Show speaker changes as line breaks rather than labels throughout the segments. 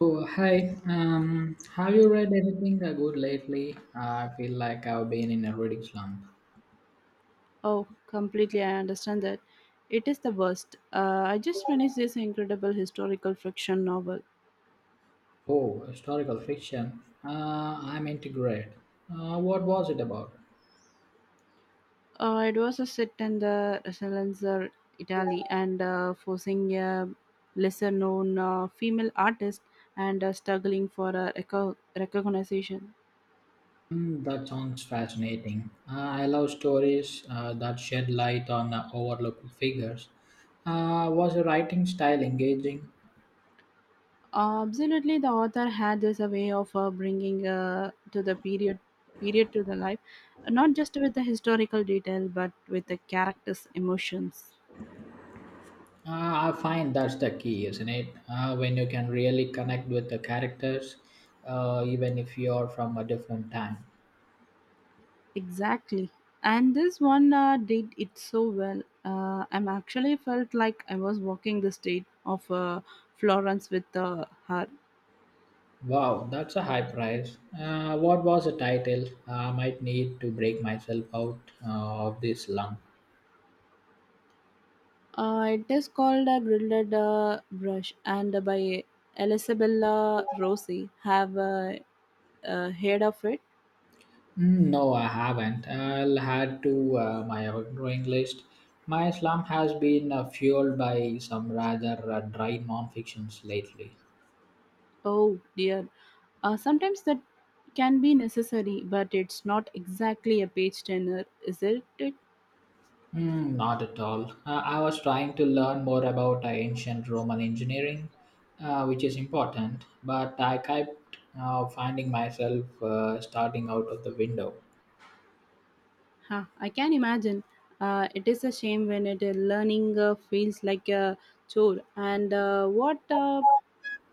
Oh, hi. Have you read anything good lately? I feel like I've been in a reading slump.
Oh, completely. I understand that. It is the worst. I just finished this incredible historical fiction novel.
Oh, historical fiction. I'm into great. What was it about?
It was a set in the Salenzer, Italy, and forcing a lesser known female artist and struggling for a recognition.
Hmm, that sounds fascinating. I love stories that shed light on overlooked figures. Was the writing style engaging?
Absolutely, the author had this a way of bringing to the period to the life, not just with the historical detail, but with the characters' emotions.
I find that's the key, isn't it? When you can really connect with the characters, even if you're from a different time.
Exactly. And this one did it so well. I'm actually felt like I was walking the street of Florence with her.
Wow, that's a high price. What was the title? I might need to break myself out of this slump.
It is called a grilled brush and by Elisabella Rossi. Have heard of it?
Mm, no, I haven't. I'll add to my outgoing list. My slump has been fueled by some rather dry non-fictions lately.
Oh dear. Sometimes that can be necessary, but it's not exactly a page turner, is it?
Mm, not at all. I was trying to learn more about ancient Roman engineering, which is important, but I kept finding myself starting out of the window.
Huh, I can imagine. It is a shame when it, learning feels like a chore. And what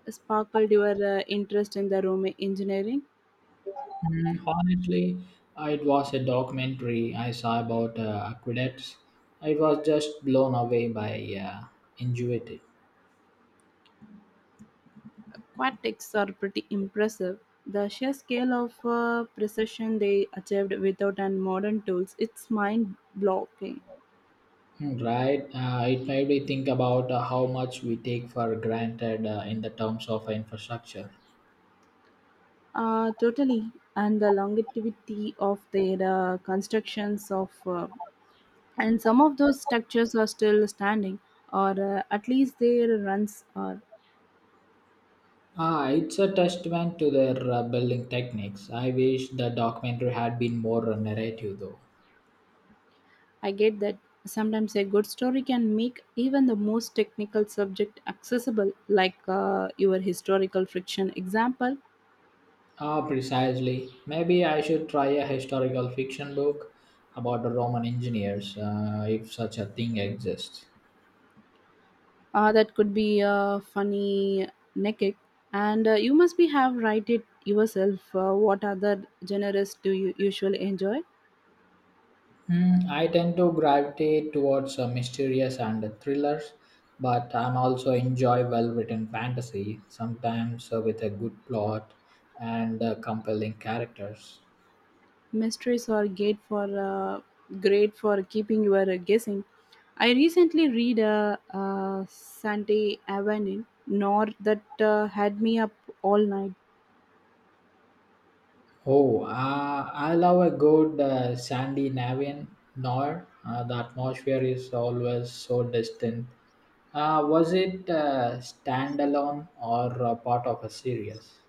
sparkled your interest in the room engineering?
Mm, honestly, it was a documentary I saw about aqueducts. I was just blown away by uh, ingenuity.
Aquatics are pretty impressive. The sheer scale of precision they achieved without and modern tools, it's mind blocking.
Mm, right? It made me think about how much we take for granted in the terms of infrastructure.
Totally. And the longevity of their constructions of and some of those structures are still standing or at least their runs are.
Ah, it's a testament to their building techniques. I wish the documentary had been more narrative, though.
I get that. Sometimes a good story can make even the most technical subject accessible, like your historical friction example.
Ah, precisely. Maybe I should try a historical fiction book about the Roman engineers, if such a thing exists.
That could be funny naked, and you must be have write it yourself. What other genres do you usually enjoy?
Hmm, I tend to gravitate towards mysterious and thrillers, but I'm also enjoy well-written fantasy, sometimes with a good plot and compelling characters.
Mysteries are great for uh, keeping your guessing. I recently read a, Sante Avenue nor that had me up all night.
Oh, I love a good Sandy Navian Noir. The atmosphere is always so distant. Was it standalone or part of a series?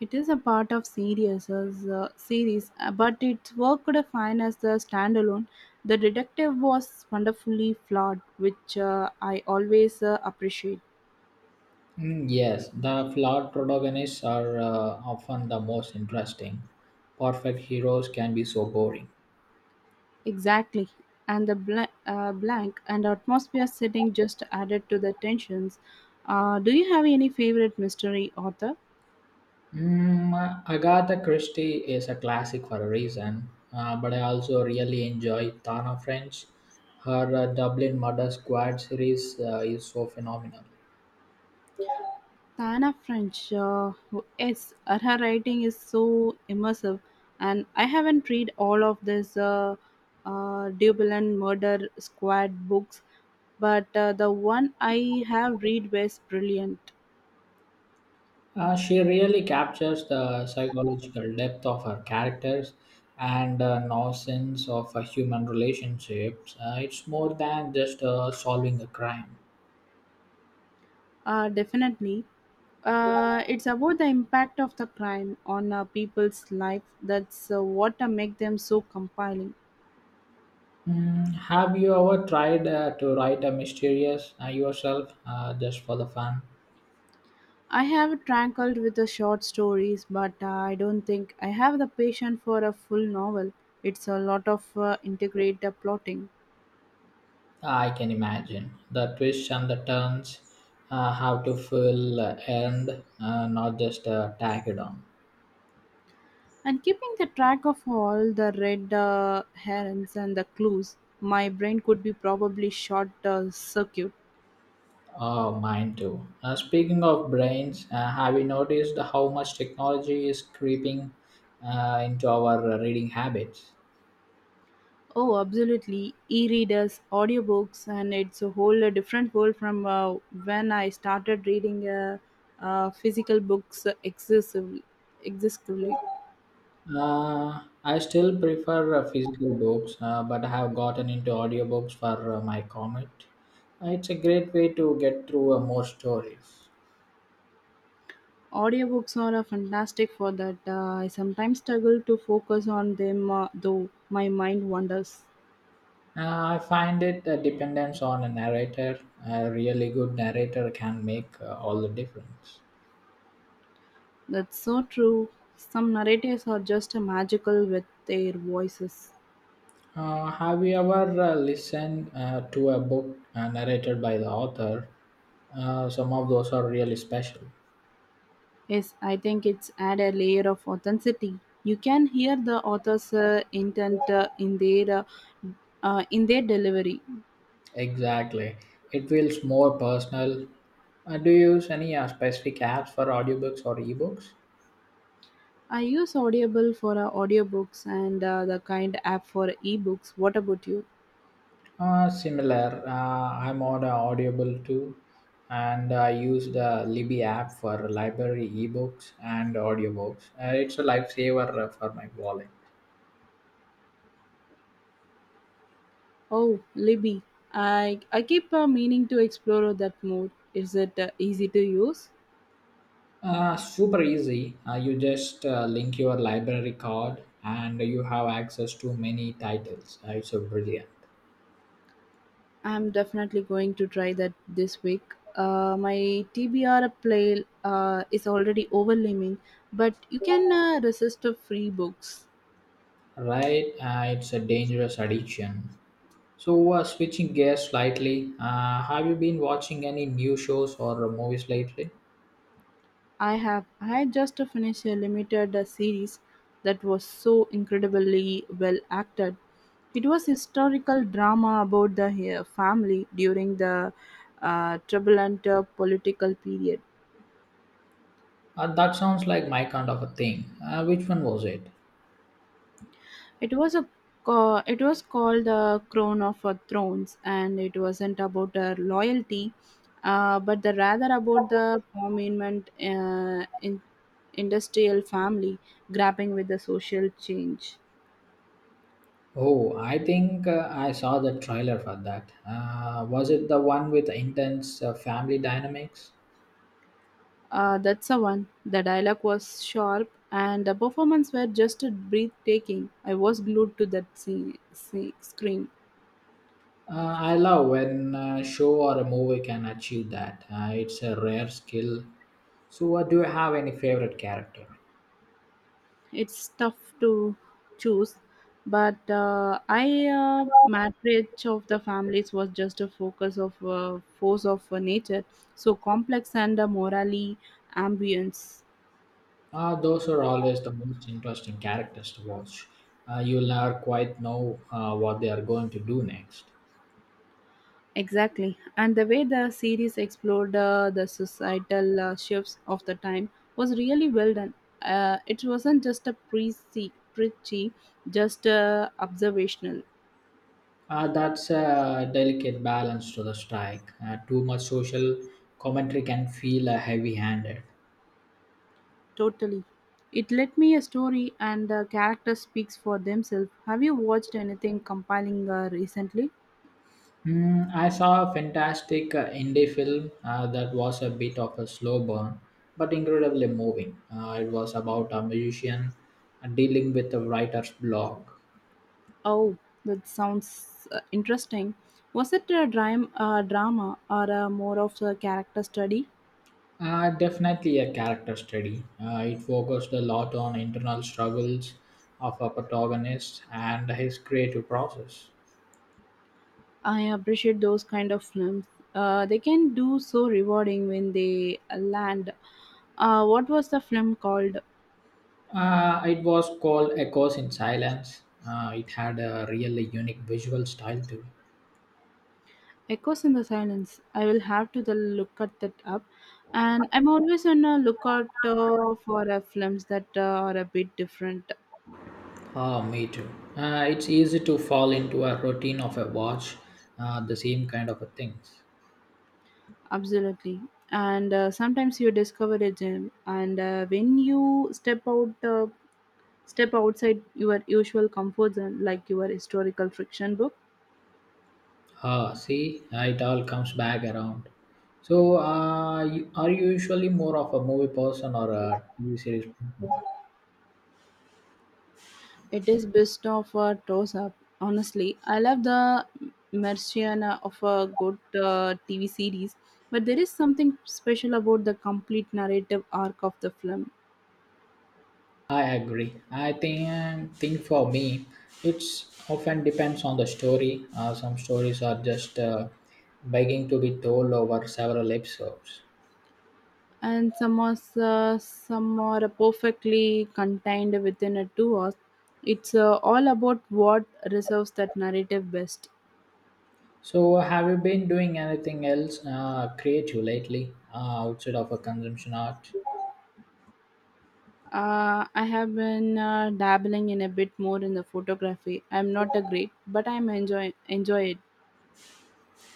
It is a part of series, but it worked fine as a standalone. The detective was wonderfully flawed, which I always appreciate.
Mm, yes, the flawed protagonists are often the most interesting. Perfect heroes can be so boring.
Exactly. And the blank and atmosphere setting just added to the tensions. Do you have any favorite mystery author?
Mm, Agatha Christie is a classic for a reason, but I also really enjoy Tana French. Her Dublin Murder Squad series is so phenomenal.
Tana French. Yes, her writing is so immersive. And I haven't read all of this Dublin Murder Squad books, but the one I have read was brilliant.
She really captures the psychological depth of her characters and nonsense of human relationships. It's more than just solving a crime.
Definitely. It's about the impact of the crime on people's life. That's what make them so compelling.
Mm, have you ever tried to write a mysterious yourself just for the fun?
I have trackled with the short stories, but I don't think I have the patience for a full novel. It's a lot of integrate plotting
I can imagine the twists and the turns have to fill earned, not just tack it on.
and keeping the track of all the red herrings and the clues. My brain could be probably short circuit.
Oh, mine too. Speaking of brains, have you noticed how much technology is creeping into our reading habits?
Oh, absolutely. E-readers, audiobooks, and it's a whole different world from uh, when I started reading physical books excessively.
I still prefer physical books, but I have gotten into audiobooks for my commute. It's a great way to get through more stories.
Audiobooks are fantastic for that. I sometimes struggle to focus on them, though my mind wanders.
I find it dependence on a narrator. A really good narrator can make all the difference.
That's so true. Some narrators are just magical with their voices.
Have you ever listened to a book narrated by the author? Some of those are really special.
Yes, I think it's add a layer of authenticity. You can hear the author's intent in their delivery.
Exactly. It feels more personal. Do you use any specific apps for audiobooks or ebooks?
I use Audible for audiobooks and the kind app for ebooks. What about you?
Similar, I'm on Audible too, and I use the Libby app for library ebooks and audiobooks. It's a lifesaver for my wallet.
Oh, Libby, I keep meaning to explore that more. Is it easy to use?
Super easy. You just link your library card, and you have access to many titles. It's a brilliant,
I'm definitely going to try that this week. My TBR play is already overwhelming, but you can resist to free books.
right? It's a dangerous addiction. So, switching gears slightly, have you been watching any new shows or movies lately?
I just finished a limited series that was so incredibly well acted. It was historical drama about the family during the turbulent political period.
That sounds like my kind of a thing. Which one was it?
It was a it was called the Crown of Thrones, and it wasn't about loyalty, but the rather about the prominent industrial family grappling with the social change.
Oh, I think I saw the trailer for that. Was it the one with intense family dynamics?
That's the one. The dialogue was sharp and the performance were just breathtaking. I was glued to screen.
I love when a show or a movie can achieve that. It's a rare skill. So, do you have any favorite character?
It's tough to choose, but I marriage of the families was just a focus of force of nature, so complex and morally ambience.
Those are always the most interesting characters to watch. You'll never quite know what they are going to do next.
Exactly. And the way the series explored the societal shifts of the time was really well done. It wasn't just a preachy, just observational.
That's a delicate balance to the strike. Too much social commentary can feel heavy-handed.
Totally. It let me a story and the character speaks for themselves. Have you watched anything compiling recently?
Hmm, I saw a fantastic indie film that was a bit of a slow burn, but incredibly moving. It was about a musician dealing with a writer's block.
Oh, that sounds interesting. Was it a drama or more of a character study?
Definitely a character study. It focused a lot on internal struggles of a protagonist and his creative process.
I appreciate those kind of films. They can do so rewarding when they land. What was the film called?
It was called Echoes in Silence. It had a really unique visual style too.
Echoes in the Silence. I will have to the look at that up. And I'm always on a lookout for films that are a bit different.
Ah, me too. It's easy to fall into a routine of a watch, the same kind of a things.
Absolutely. And sometimes you discover a gem. And when you step out, step outside your usual comfort zone, like your historical fiction book.
Ah, see, it all comes back around. So, are you usually more of a movie person or a TV series person?
It is best of a toss up, honestly. I love the Martian of a good TV series, but there is something special about the complete narrative arc of the film.
I agree. I think for me, it's often depends on the story. Some stories are just begging to be told over several episodes.
And some are perfectly contained within a 2 hours. It's all about what reserves that narrative best.
So, have you been doing anything else creative lately outside of a consumption art?
I have been dabbling in a bit more in the photography. I'm not a great, but I'm enjoy it.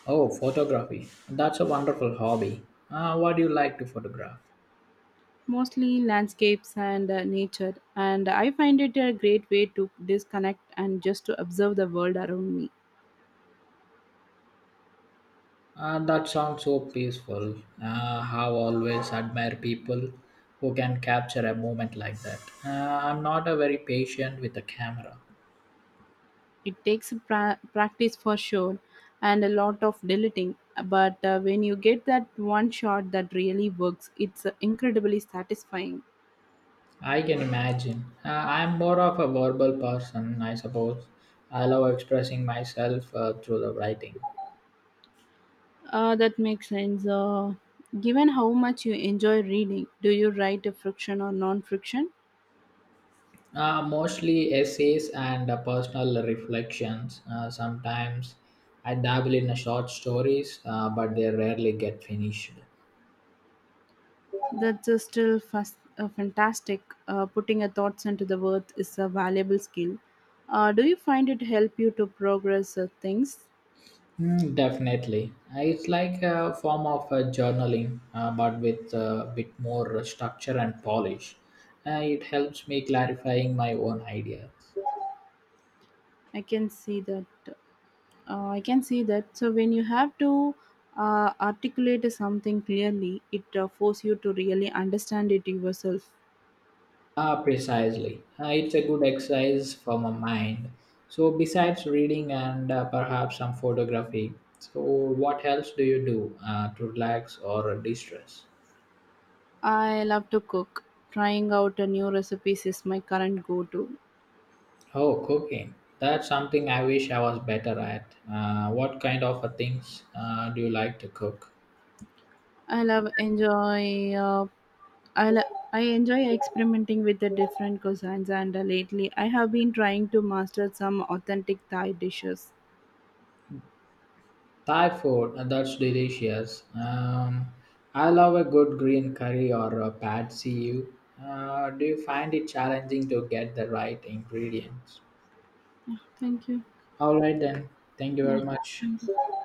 Oh, photography. That's a wonderful hobby. What do you like to photograph?
Mostly landscapes and nature, and I find it a great way to disconnect and just to observe the world around me.
That sounds so peaceful. I always admire people who can capture a moment like that. I'm not a very patient with the camera.
It takes practice for sure and a lot of deleting, but when you get that one shot that really works, it's incredibly satisfying.
I can imagine. I'm more of a verbal person, I suppose. I love expressing myself through the writing.
That makes sense. Given how much you enjoy reading, do you write a friction or non friction?
Mostly essays and personal reflections. Sometimes I dabble in short stories, but they rarely get finished.
That's still fantastic. Putting your thoughts into the words is a valuable skill. Do you find it help you to progress things?
Mm, definitely. It's like a form of journaling, but with a bit more structure and polish. It helps me clarifying my own ideas.
I can see that. So when you have to articulate something clearly, it force you to really understand it yourself.
Ah, precisely. It's a good exercise for my mind. So, besides reading and perhaps some photography, so what else do you do to relax or distress?
I love to cook. Trying out a new recipes is my current go-to.
Oh, cooking. That's something I wish I was better at. What kind of things do you like to cook?
I love enjoy I li- I enjoy experimenting with the different cuisines, and lately I have been trying to master some authentic Thai dishes.
Thai food, that's delicious. I love a good green curry or a pad see ew. Do you find it challenging to get the right ingredients?
Yeah, thank you.
All right, then. Thank you
Yeah,
very much.
thank you.